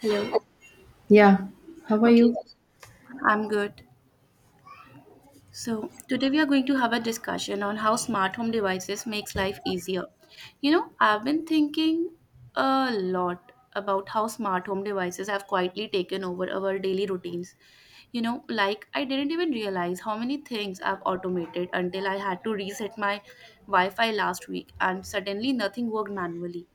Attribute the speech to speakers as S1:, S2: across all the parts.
S1: Hello.
S2: Yeah, how are
S1: Okay,
S2: you?
S1: I'm good. So, today we are going to have a discussion on how smart home devices makes life easier. I've been thinking a lot about how smart home devices have quietly taken over our daily routines. Like I didn't even realize how many things I've automated until I had to reset my Wi-Fi last week and suddenly nothing worked manually.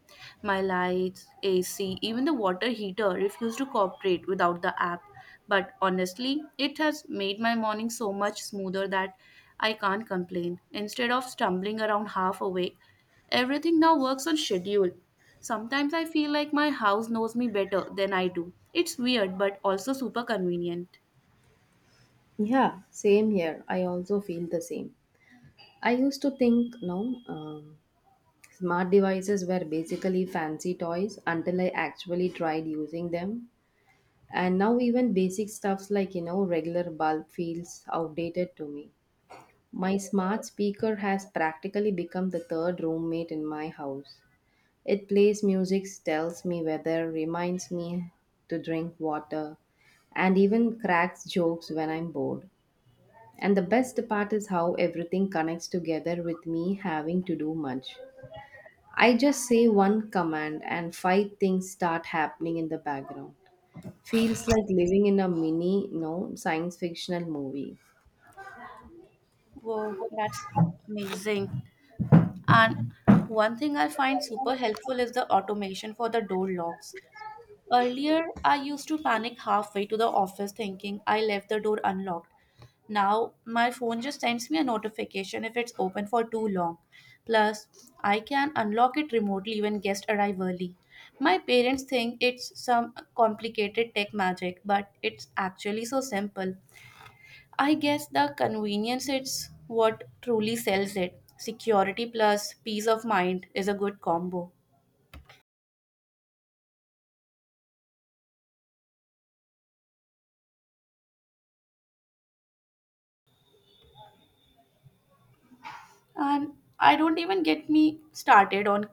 S1: My lights, AC, even the water heater refuse to cooperate without the app. But honestly, it has made my morning so much smoother that I can't complain. Instead of stumbling around half awake, everything now works on schedule. Sometimes I feel like my house knows me better than I do. It's weird but also super convenient.
S2: Yeah, same here. I also feel the same. I used to think, no, smart devices were basically fancy toys until I actually tried using them. And now even basic stuffs like, you know, regular bulb feels outdated to me. My smart speaker has practically become the third roommate in my house. It plays music, tells me weather, reminds me to drink water, and even cracks jokes when I'm bored. And the best part is how everything connects together with me having to do much. I just say one command and five things start happening in the background. Feels like living in a mini, no, science fictional movie.
S1: Whoa, that's amazing. And one thing I find super helpful is the automation for the door locks. Earlier, I used to panic halfway to the office thinking I left the door unlocked. Now, my phone just sends me a notification if it's open for too long. Plus, I can unlock it remotely when guests arrive early. My parents think it's some complicated tech magic, but it's actually so simple. I guess the convenience is what truly sells it. Security plus peace of mind is a good combo. And I don't even get me started on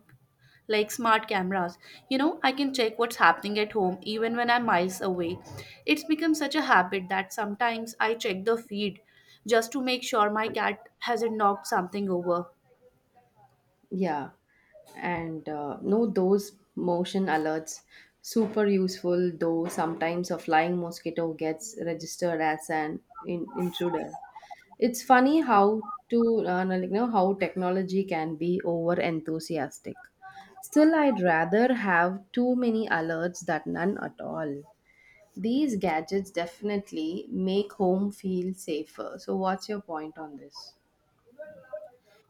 S1: like smart cameras. I can check what's happening at home even when I'm miles away. It's become such a habit that sometimes I check the feed just to make sure my cat hasn't knocked something over.
S2: Yeah. And no, Those motion alerts, super useful, though sometimes a flying mosquito gets registered as an intruder. It's funny how you know how technology can be over enthusiastic. Still, I'd rather have too many alerts than none at all. These gadgets definitely make home feel safer. So, what's your point on this?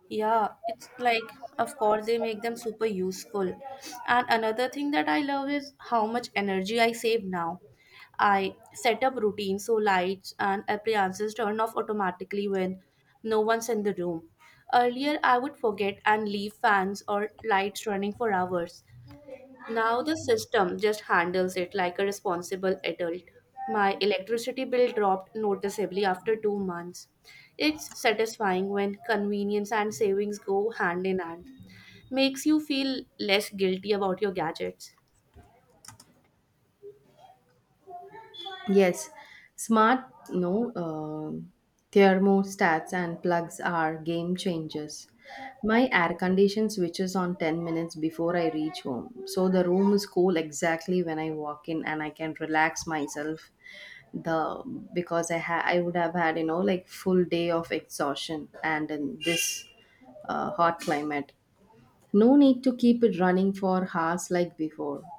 S1: Yeah, it's like, of course, they make them super useful. And another thing that I love is how much energy I save now. I set up routines so lights and appliances turn off automatically when no one's in the room. Earlier, I would forget and leave fans or lights running for hours. Now the system just handles it like a responsible adult. My electricity bill dropped noticeably after two months. It's satisfying when convenience and savings go hand in hand. Makes you feel less guilty about your gadgets.
S2: Yes, smart no thermostats and plugs are game changers. My air condition switches on 10 minutes before I reach home. So the room is cool exactly when I walk in and I can relax myself the because I would have had, you know, like full day of exhaustion and in this hot climate. No need to keep it running for hours like before.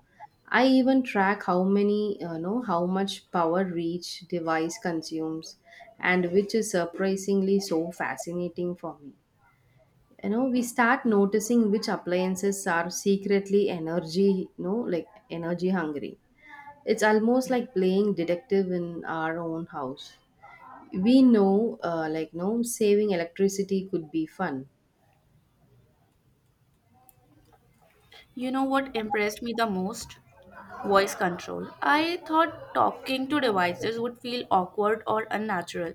S2: I even track how many, you know, how much power each device consumes, and which is surprisingly so fascinating for me. You know, we start noticing which appliances are secretly energy, you know, like energy hungry. It's almost like playing detective in our own house. We know, like, no, saving electricity could be fun.
S1: You know what impressed me the most? Voice control. I thought talking to devices would feel awkward or unnatural,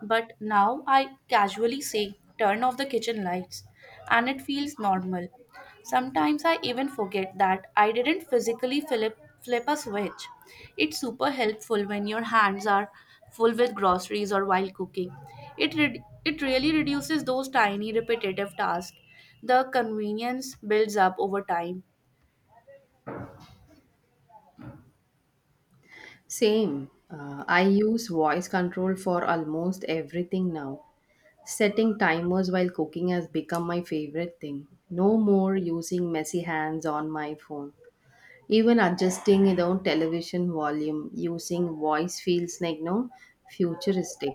S1: but now I casually say, turn off the kitchen lights, and it feels normal. Sometimes I even forget that I didn't physically flip a switch. It's super helpful when your hands are full with groceries or while cooking. It really reduces those tiny repetitive tasks. The convenience builds up over time.
S2: Same. I use voice control for almost everything now. Setting timers while cooking has become my favorite thing. No more using messy hands on my phone. Even adjusting the television volume using voice feels like no futuristic.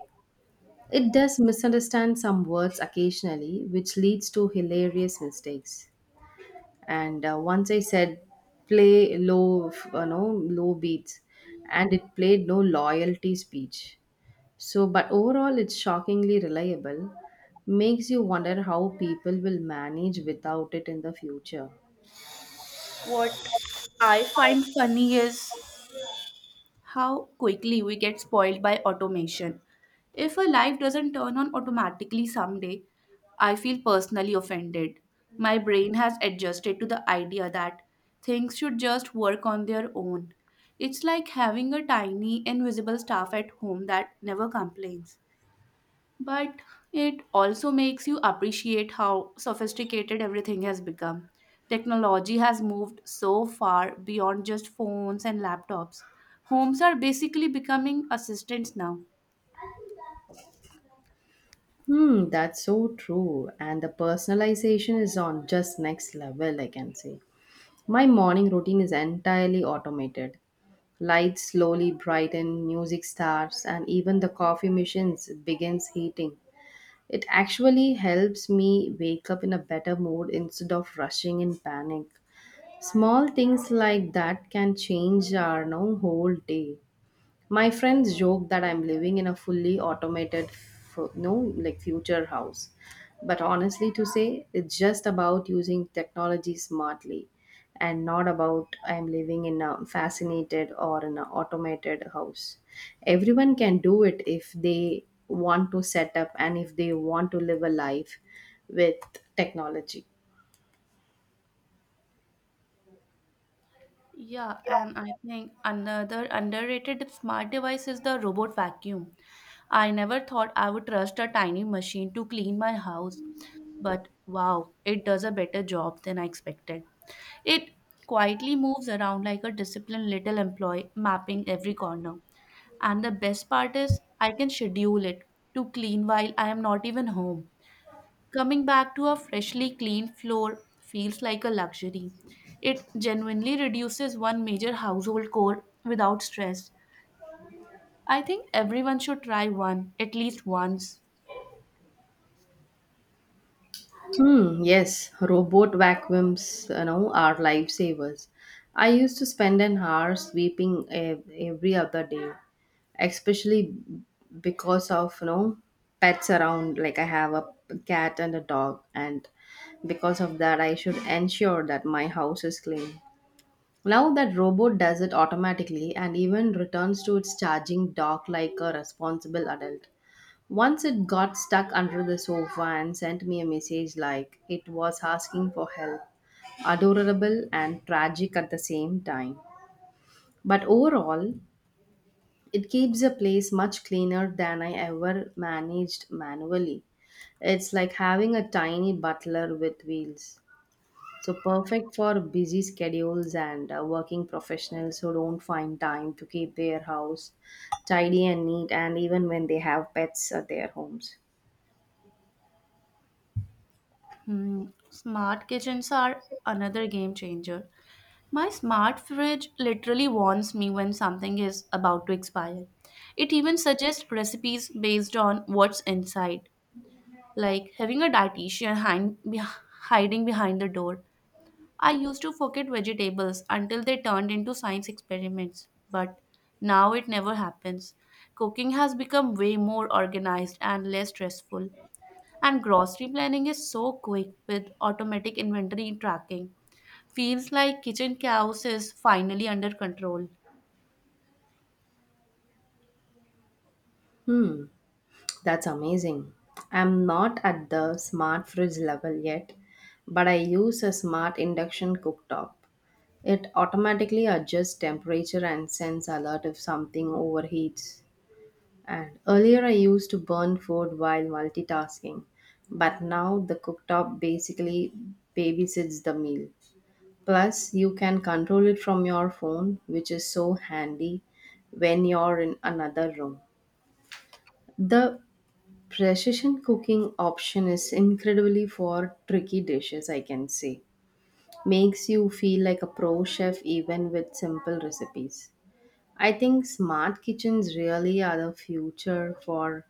S2: It does misunderstand some words occasionally, which leads to hilarious mistakes. And Once I said play low, you know, low beats, and it played no loyalty speech so, but overall, it's shockingly reliable. Makes you wonder how people will manage without it in the future.
S1: What I find funny is how quickly we get spoiled by automation. If a life doesn't turn on automatically someday, I feel personally offended. My brain has adjusted to the idea that things should just work on their own. It's like having a tiny, invisible staff at home that never complains, but it also makes you appreciate how sophisticated everything has become. Technology has moved so far beyond just phones and laptops. Homes are basically becoming assistants now.
S2: Hmm, that's so true. And the personalization is on just next level, I can say. My morning routine is entirely automated. Lights slowly brighten, music starts, and even the coffee machine begins heating. It actually helps me wake up in a better mood instead of rushing in panic. Small things like that can change our no, whole day. My friends joke that I'm living in a fully automated, fu- no, like future house. But honestly, to say, it's just about using technology smartly and not about I'm living in a fascinated or in an automated house. Everyone can do it if they want to set up and if they want to live a life with technology.
S1: Yeah, and I think another underrated smart device is the robot vacuum. I never thought I would trust a tiny machine to clean my house, but wow, it does a better job than I expected. It quietly moves around like a disciplined little employee, mapping every corner. And the best part is, I can schedule it to clean while I am not even home. Coming back to a freshly cleaned floor feels like a luxury. It genuinely reduces one major household chore without stress. I think everyone should try one at least once.
S2: Hmm, yes, robot vacuums, you know, are lifesavers. I used to spend an hour sweeping every other day, especially because of, you know, pets around. Like I have a cat and a dog, and because of that, I should ensure that my house is clean. Now that robot does it automatically and even returns to its charging dock like a responsible adult. Once it got stuck under the sofa and sent me a message like it was asking for help. Adorable and tragic at the same time. But overall, it keeps a place much cleaner than I ever managed manually. It's like having a tiny butler with wheels. So perfect for busy schedules and working professionals who don't find time to keep their house tidy and neat and even when they have pets at their homes.
S1: Hmm, smart kitchens are another game changer. My smart fridge literally warns me when something is about to expire. It even suggests recipes based on what's inside, like having a dietitian hiding behind the door. I used to forget vegetables until they turned into science experiments, but now it never happens. Cooking has become way more organized and less stressful, and grocery planning is so quick with automatic inventory tracking. Feels like kitchen chaos is finally under control.
S2: Hmm. That's amazing. I'm not at the smart fridge level yet, but I use a smart induction cooktop. It automatically adjusts temperature and sends alert if something overheats. And earlier I used to burn food while multitasking, but now the cooktop basically babysits the meal. Plus, you can control it from your phone, which is so handy when you're in another room. The precision cooking option is incredibly for tricky dishes, I can say. Makes you feel like a pro chef even with simple recipes. I think smart kitchens really are the future for,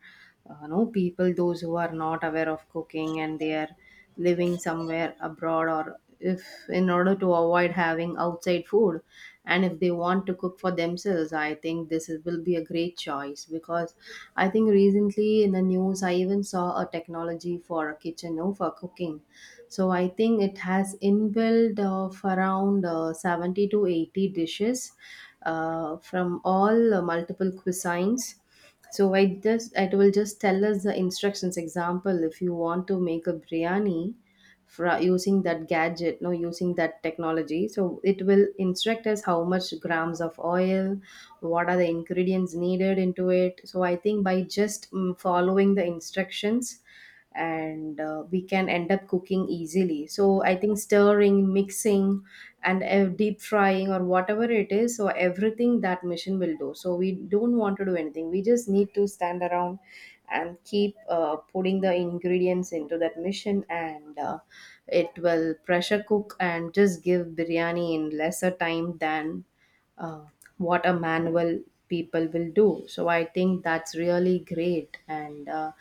S2: know, people those who are not aware of cooking and they are living somewhere abroad or if in order to avoid having outside food and if they want to cook for themselves. I think this is, will be a great choice because I think recently in the news I even saw a technology for a kitchen no, for cooking. So I think it has inbuilt of around 70 to 80 dishes from all multiple cuisines. So I just, it will just tell us the instructions. Example, if you want to make a biryani using that gadget, no, using that technology, so it will instruct us how much grams of oil, what are the ingredients needed into it. So I think by just following the instructions and we can end up cooking easily. So I think stirring, mixing and deep frying or whatever it is, so everything that machine will do, so we don't want to do anything, we just need to stand around and keep putting the ingredients into that machine and it will pressure cook and just give biryani in lesser time than uh, what a manual people will do. So I think that's really great and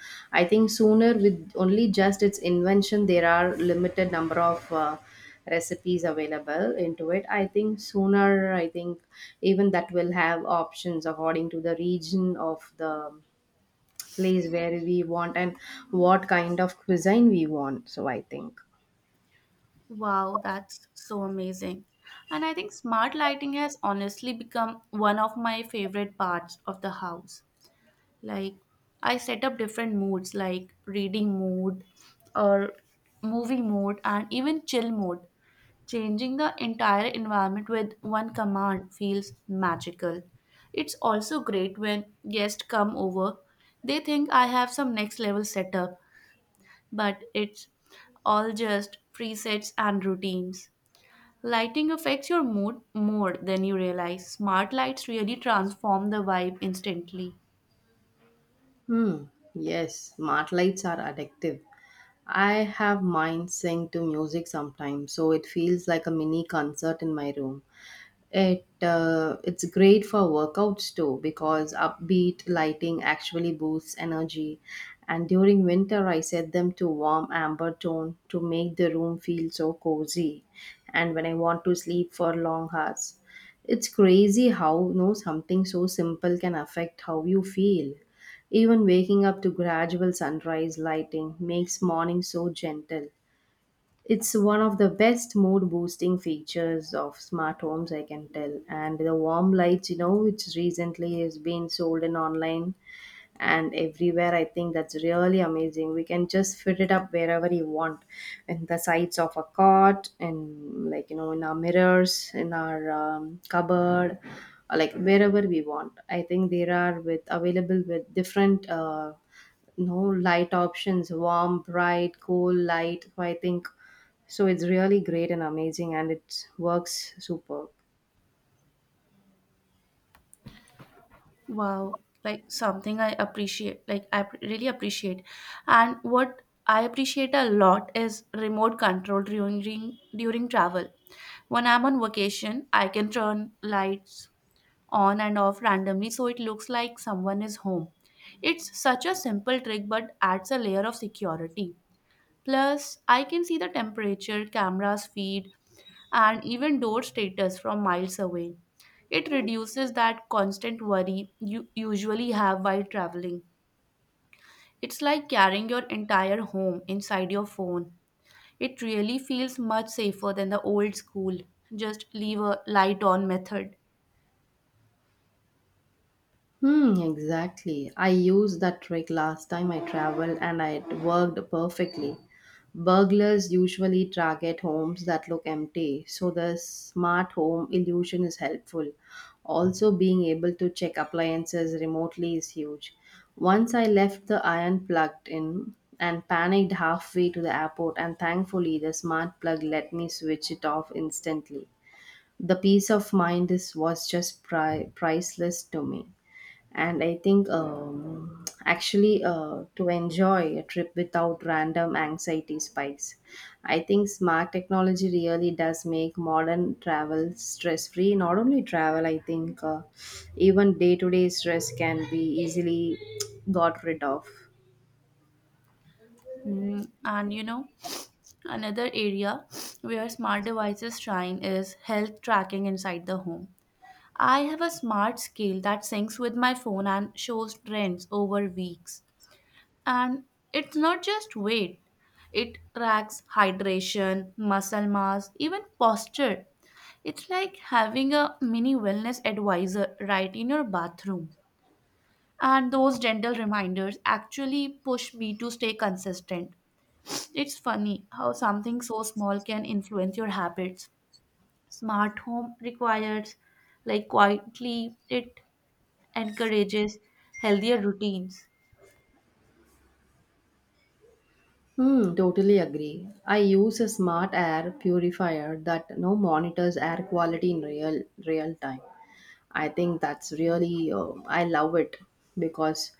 S2: I think sooner, with only just its invention there are limited number of recipes available into it. I think sooner, I think even that will have options according to the region of the place where we want and what kind of cuisine we want, so I think.
S1: Wow, that's so amazing. And I think smart lighting has honestly become one of my favorite parts of the house. Like I set up different moods like reading mode or movie mode and even chill mode. Changing the entire environment with one command feels magical. It's also great when guests come over. They think I have some next level setup, but it's all just presets and routines. Lighting affects your mood more than you realize. Smart lights really transform the vibe instantly.
S2: Hmm. Yes, smart lights are addictive. I have mine synced to music sometimes, so it feels like a mini concert in my room. It's great for workouts too because upbeat lighting actually boosts energy. And during winter, I set them to warm amber tone to make the room feel so cozy. And when I want to sleep for long hours, it's crazy how you know something so simple can affect how you feel. Even waking up to gradual sunrise lighting makes morning so gentle. It's one of the best mood boosting features of smart homes, I can tell. And the warm lights, you know, which recently has been sold in online, and everywhere, I think that's really amazing. We can just fit it up wherever you want, in the sides of a cot and like, you know, in our mirrors, in our cupboard or like wherever we want. I think there are with available with different no light options, warm, bright, cool light, so I think, so it's really great and amazing and it works superb.
S1: Wow, like something I appreciate, like really appreciate. And what I appreciate a lot is remote control during travel. When I'm on vacation, I can turn lights on and off randomly so it looks like someone is home. It's such a simple trick but adds a layer of security. Plus, I can see the temperature, cameras feed, and even door status from miles away. It reduces that constant worry you usually have while traveling. It's like carrying your entire home inside your phone. It really feels much safer than the old school, just leave a light on method.
S2: Hmm, exactly. I used that trick last time I traveled and it worked perfectly. Burglars usually target homes that look empty, so the smart home illusion is helpful. Also, being able to check appliances remotely is huge. Once I left the iron plugged in and panicked halfway to the airport, and thankfully, the smart plug let me switch it off instantly. The peace of mind is, was just priceless to me. And I think actually to enjoy a trip without random anxiety spikes, I think smart technology really does make modern travel stress free. Not only travel, I think even day to day stress can be easily got rid of.
S1: Hmm. Another area where smart devices shine is health tracking inside the home. I have a smart scale that syncs with my phone and shows trends over weeks. And it's not just weight, it tracks hydration, muscle mass, even posture. It's like having a mini wellness advisor right in your bathroom. And those gentle reminders actually push me to stay consistent. It's funny how something so small can influence your habits. Smart home requires, like, quietly, it encourages healthier routines.
S2: Hmm, totally agree. I use a smart air purifier that now monitors air quality in real time. I think that's really, I love it because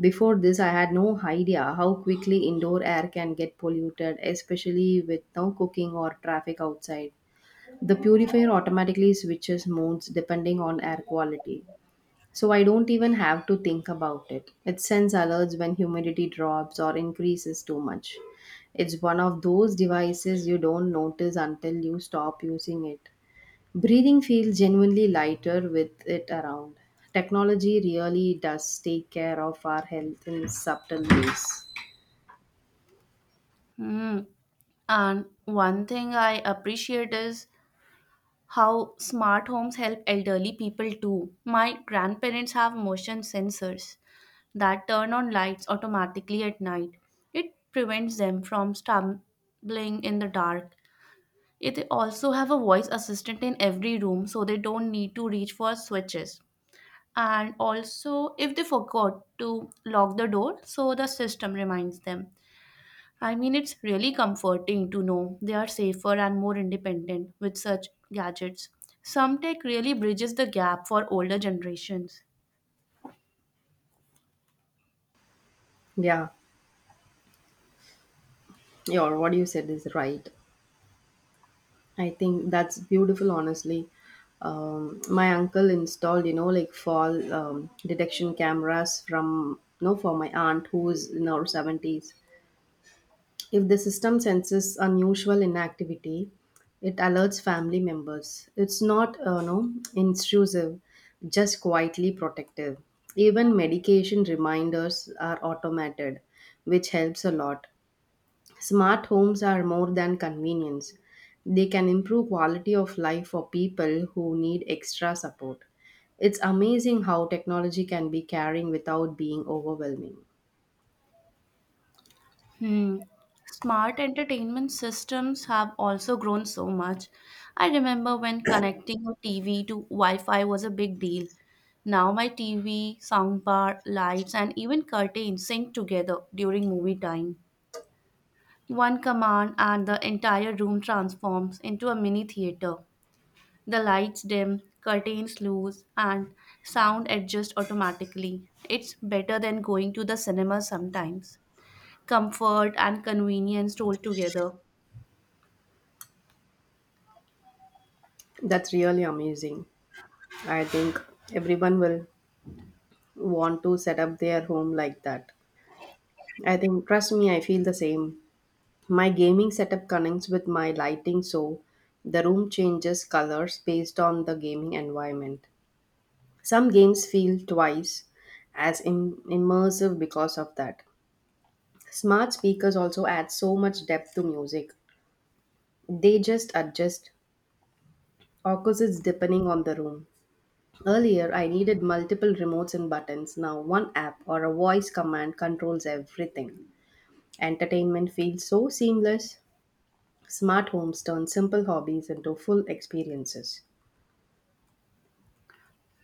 S2: before this, I had no idea how quickly indoor air can get polluted, especially with no cooking or traffic outside. The purifier automatically switches modes depending on air quality. So I don't even have to think about it. It sends alerts when humidity drops or increases too much. It's one of those devices you don't notice until you stop using it. Breathing feels genuinely lighter with it around. Technology really does take care of our health in subtle ways.
S1: Hmm. And one thing I appreciate is how smart homes help elderly people too. My grandparents have motion sensors that turn on lights automatically at night. It prevents them from stumbling in the dark. They also have a voice assistant in every room so they don't need to reach for switches. And also, if they forgot to lock the door, so the system reminds them. I mean, it's really comforting to know they are safer and more independent with such gadgets. Some tech really bridges the gap for older generations.
S2: Yeah, your what you said is right. I think that's beautiful, honestly. My uncle installed, you know, like fall detection cameras from, no, for my aunt who is in her 70s. If the system senses unusual inactivity, it alerts family members. It's not no, intrusive, just quietly protective. Even medication reminders are automated, which helps a lot. Smart homes are more than convenience. They can improve quality of life for people who need extra support. It's amazing how technology can be caring without being overwhelming.
S1: Hmm. Smart entertainment systems have also grown so much. I remember when connecting a TV to Wi Fi was a big deal. Now my TV, soundbar, lights, and even curtains sync together during movie time. One command and the entire room transforms into a mini theater. The lights dim, curtains loose, and sound adjust automatically. It's better than going to the cinema sometimes. Comfort and convenience told together.
S2: That's really amazing. I think everyone will want to set up their home like that. I think, trust me, I feel the same. My gaming setup connects with my lighting, so the room changes colors based on the gaming environment. Some games feel twice as immersive because of that. Smart speakers also add so much depth to music. They just adjust opposites depending on the room. Earlier, I needed multiple remotes and buttons. Now, one app or a voice command controls everything. Entertainment feels so seamless. Smart homes turn simple hobbies into full experiences.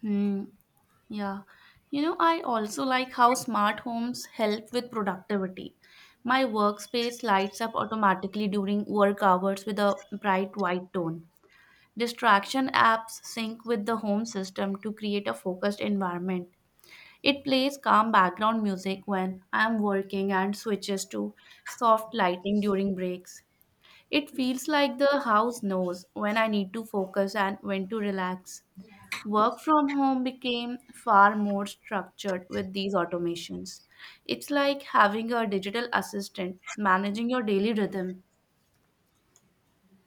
S1: Hmm. Yeah. I also like how smart homes help with productivity. My workspace lights up automatically during work hours with a bright white tone. Distraction apps sync with the home system to create a focused environment. It plays calm background music when I'm working and switches to soft lighting during breaks. It feels like the house knows when I need to focus and when to relax. Work from home became far more structured with these automations. It's like having a digital assistant managing your daily rhythm.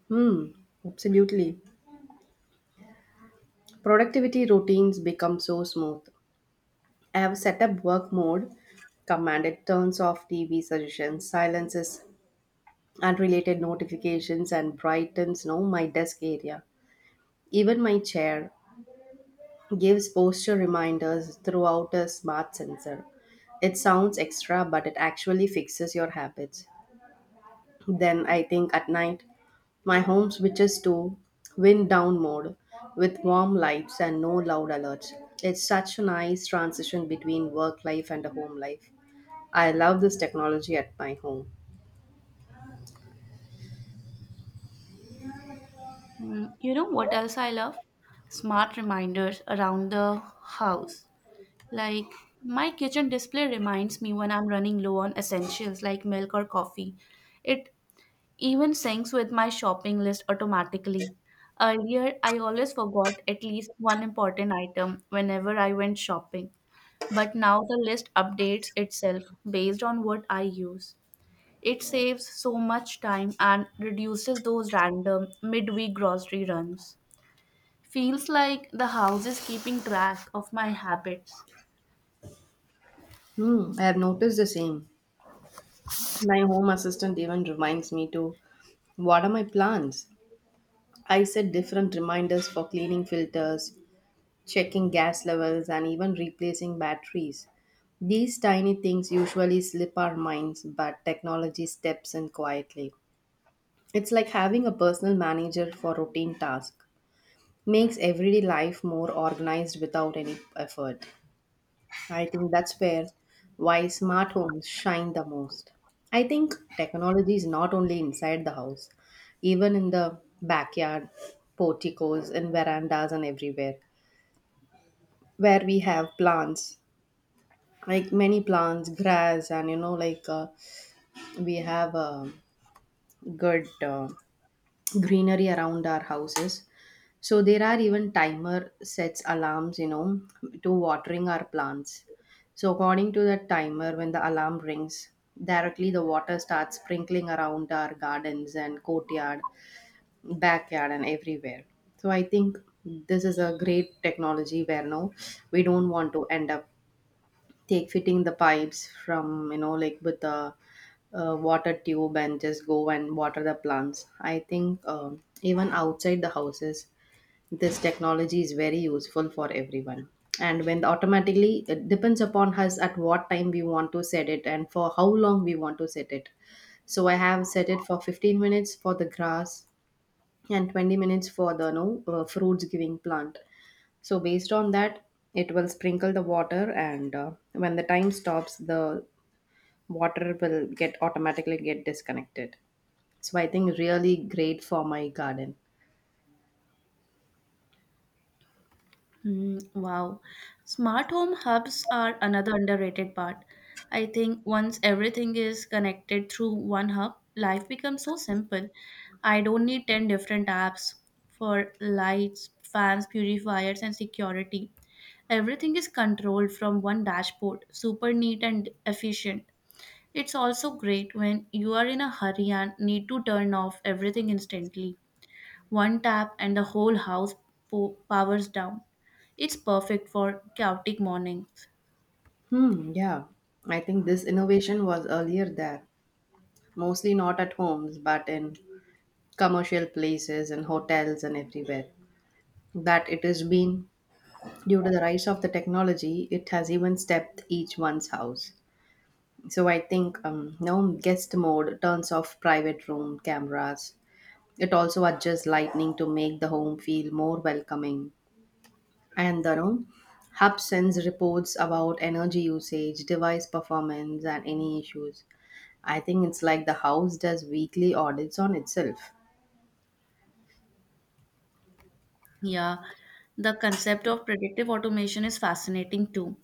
S2: Hmm, absolutely. Productivity routines become so smooth. I have set up work mode, command it turns off TV suggestions, silences unrelated notifications, and brightens no my desk area. Even my chair gives posture reminders throughout a smart sensor. It sounds extra, but it actually fixes your habits. Then I think at night, my home switches to wind down mode with warm lights and no loud alerts. It's such a nice transition between work life and the home life. I love this technology at my home.
S1: Mm. You know what else I love? Smart reminders around the house. Like my kitchen display reminds me when I'm running low on essentials like milk or coffee. It even syncs with my shopping list automatically. Earlier, I always forgot at least one important item whenever I went shopping, but now the list updates itself based on what I use. It saves so much time and reduces those random midweek grocery runs. Feels like the house is keeping track of my habits.
S2: Hmm, I have noticed the same. My home assistant even reminds me to water my plants. I set different reminders for cleaning filters, checking gas levels, and even replacing batteries. These tiny things usually slip our minds, but technology steps in quietly. It's like having a personal manager for routine tasks. Makes everyday life more organized without any effort. I think that's where why smart homes shine the most. I think technology is not only inside the house, even in the backyard, porticos and verandas and everywhere where we have plants, like many plants, grass, and we have a good greenery around our houses. So there are even timer sets alarms, you know, to watering our plants. So according to that timer, when the alarm rings, directly the water starts sprinkling around our gardens and courtyard, backyard, and everywhere. So I think this is a great technology where no, we don't want to end up take fitting the pipes from with the water tube and just go and water the plants. I think, even outside the houses, this technology is very useful for everyone. And when automatically it depends upon us at what time we want to set it and for how long we want to set it, so I have set it for 15 minutes for the grass and 20 minutes for the no fruits giving plant. So based on that, it will sprinkle the water, and when the time stops, the water will get automatically get disconnected. So I think really great for my garden.
S1: Mm, wow. Smart home hubs are another underrated part. I think once everything is connected through one hub, life becomes so simple. I don't need 10 different apps for lights, fans, purifiers, and security. Everything is controlled from one dashboard, super neat and efficient. It's also great when you are in a hurry and need to turn off everything instantly. One tap and the whole house powers down. It's perfect for chaotic mornings.
S2: Hmm. Yeah, I think this innovation was earlier there, mostly not at homes, but in commercial places and hotels and everywhere. That it has been due to the rise of the technology, it has even stepped each one's house. So I think, now guest mode turns off private room cameras. It also adjusts lighting to make the home feel more welcoming. And the room hub sends reports about energy usage, device performance, and any issues. I think it's like the house does weekly audits on itself.
S1: Yeah, the concept of predictive automation is fascinating too.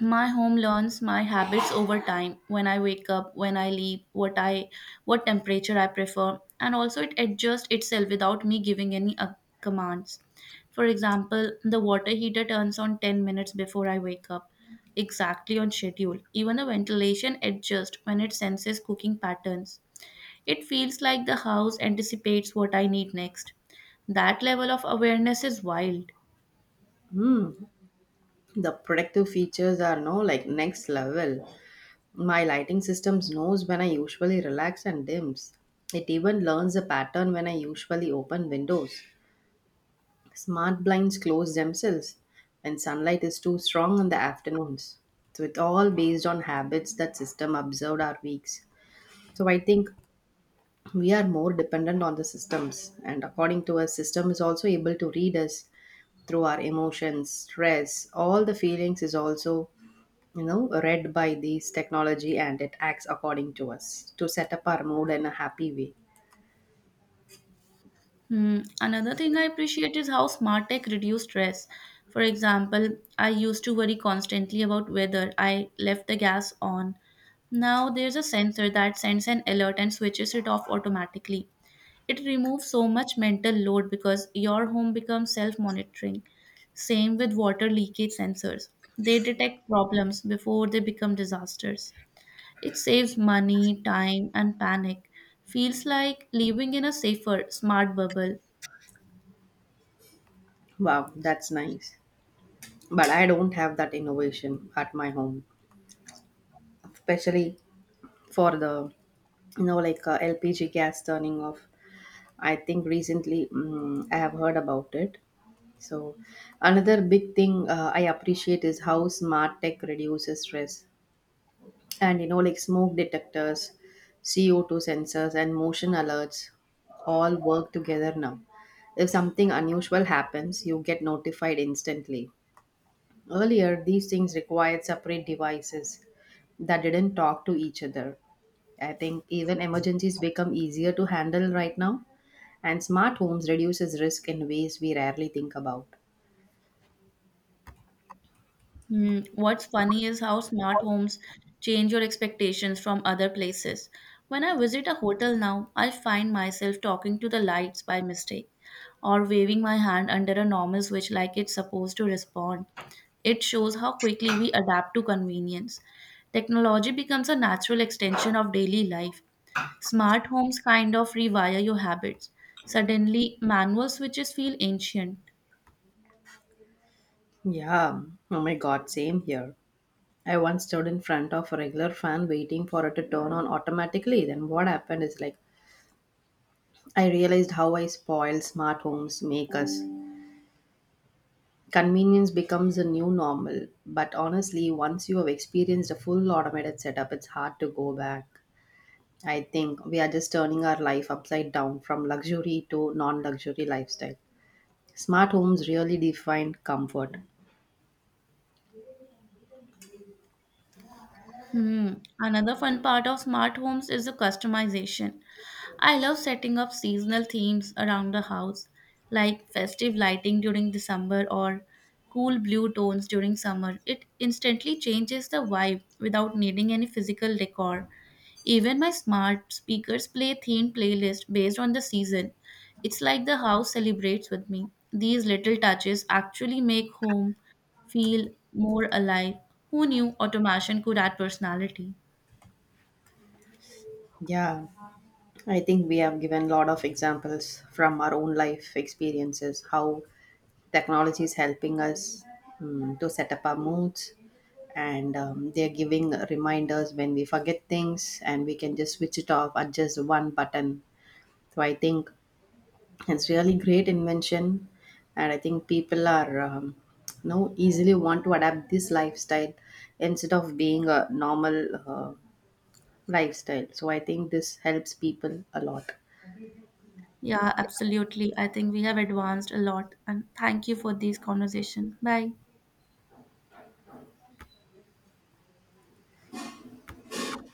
S1: My home learns my habits over time, when I wake up, when I leave, what temperature I prefer, and also it adjusts itself without me giving any commands. For example, the water heater turns on 10 minutes before I wake up, exactly on schedule. Even the ventilation adjusts when it senses cooking patterns. It feels like the house anticipates what I need next. That level of awareness is wild.
S2: Hmm. The protective features are no like next level. My lighting systems knows when I usually relax and dims. It even learns a pattern when I usually open windows. Smart blinds close themselves when sunlight is too strong in the afternoons. So it's all based on habits that system observed our weeks. So I think we are more dependent on the systems, and according to us system is also able to read us through our emotions, stress, all the feelings is also, you know, read by this technology, and it acts according to us to set up our mood in a happy way.
S1: Hmm. Another thing I appreciate is how smart tech reduces stress. For example, I used to worry constantly about whether I left the gas on. Now there's a sensor that sends an alert and switches it off automatically. It removes so much mental load because your home becomes self monitoring. Same with water leakage sensors. They detect problems before they become disasters. It saves money, time, and panic. Feels like living in a safer, smart bubble.
S2: Wow, that's nice. But I don't have that innovation at my home, especially for the lpg gas turning off. I think recently, I have heard about it. So another big thing, I appreciate is how smart tech reduces stress. And you know like smoke detectors, CO2 sensors, and motion alerts all work together now. If something unusual happens, you get notified instantly. Earlier these things required separate devices that didn't talk to each other. I think even emergencies become easier to handle right now, and smart homes reduces risk in ways we rarely think about.
S1: Hmm. What's funny is how smart homes change your expectations from other places. When I visit a hotel now, I find myself talking to the lights by mistake or waving my hand under a normal switch like it's supposed to respond. It shows how quickly we adapt to convenience. Technology becomes a natural extension of daily life. Smart homes kind of rewire your habits. Suddenly, manual switches feel ancient.
S2: Yeah, oh my god, same here. I once stood in front of a regular fan waiting for it to turn on automatically. Then what happened is like I realized how I spoil smart homes make us. Convenience becomes a new normal, but honestly, once you have experienced a full automated setup, it's hard to go back. I think we are just turning our life upside down from luxury to non luxury lifestyle. Smart homes really define comfort.
S1: Hmm. Another fun part of smart homes is the customization. I love setting up seasonal themes around the house, like festive lighting during December or cool blue tones during summer. It instantly changes the vibe without needing any physical decor. Even my smart speakers play themed playlist based on the season. It's like the house celebrates with me. These little touches actually make home feel more alive. Who knew automation could add personality?
S2: Yeah, I think we have given a lot of examples from our own life experiences how technology is helping us, to set up our moods, and they're giving reminders when we forget things, and we can just switch it off, adjust one button. So I think it's really great invention. And I think people are, you know, easily want to adapt this lifestyle instead of being a normal uh, lifestyle. So I think this helps people a lot.
S1: Yeah, absolutely. I think we have advanced a lot. And thank you for this conversation. Bye.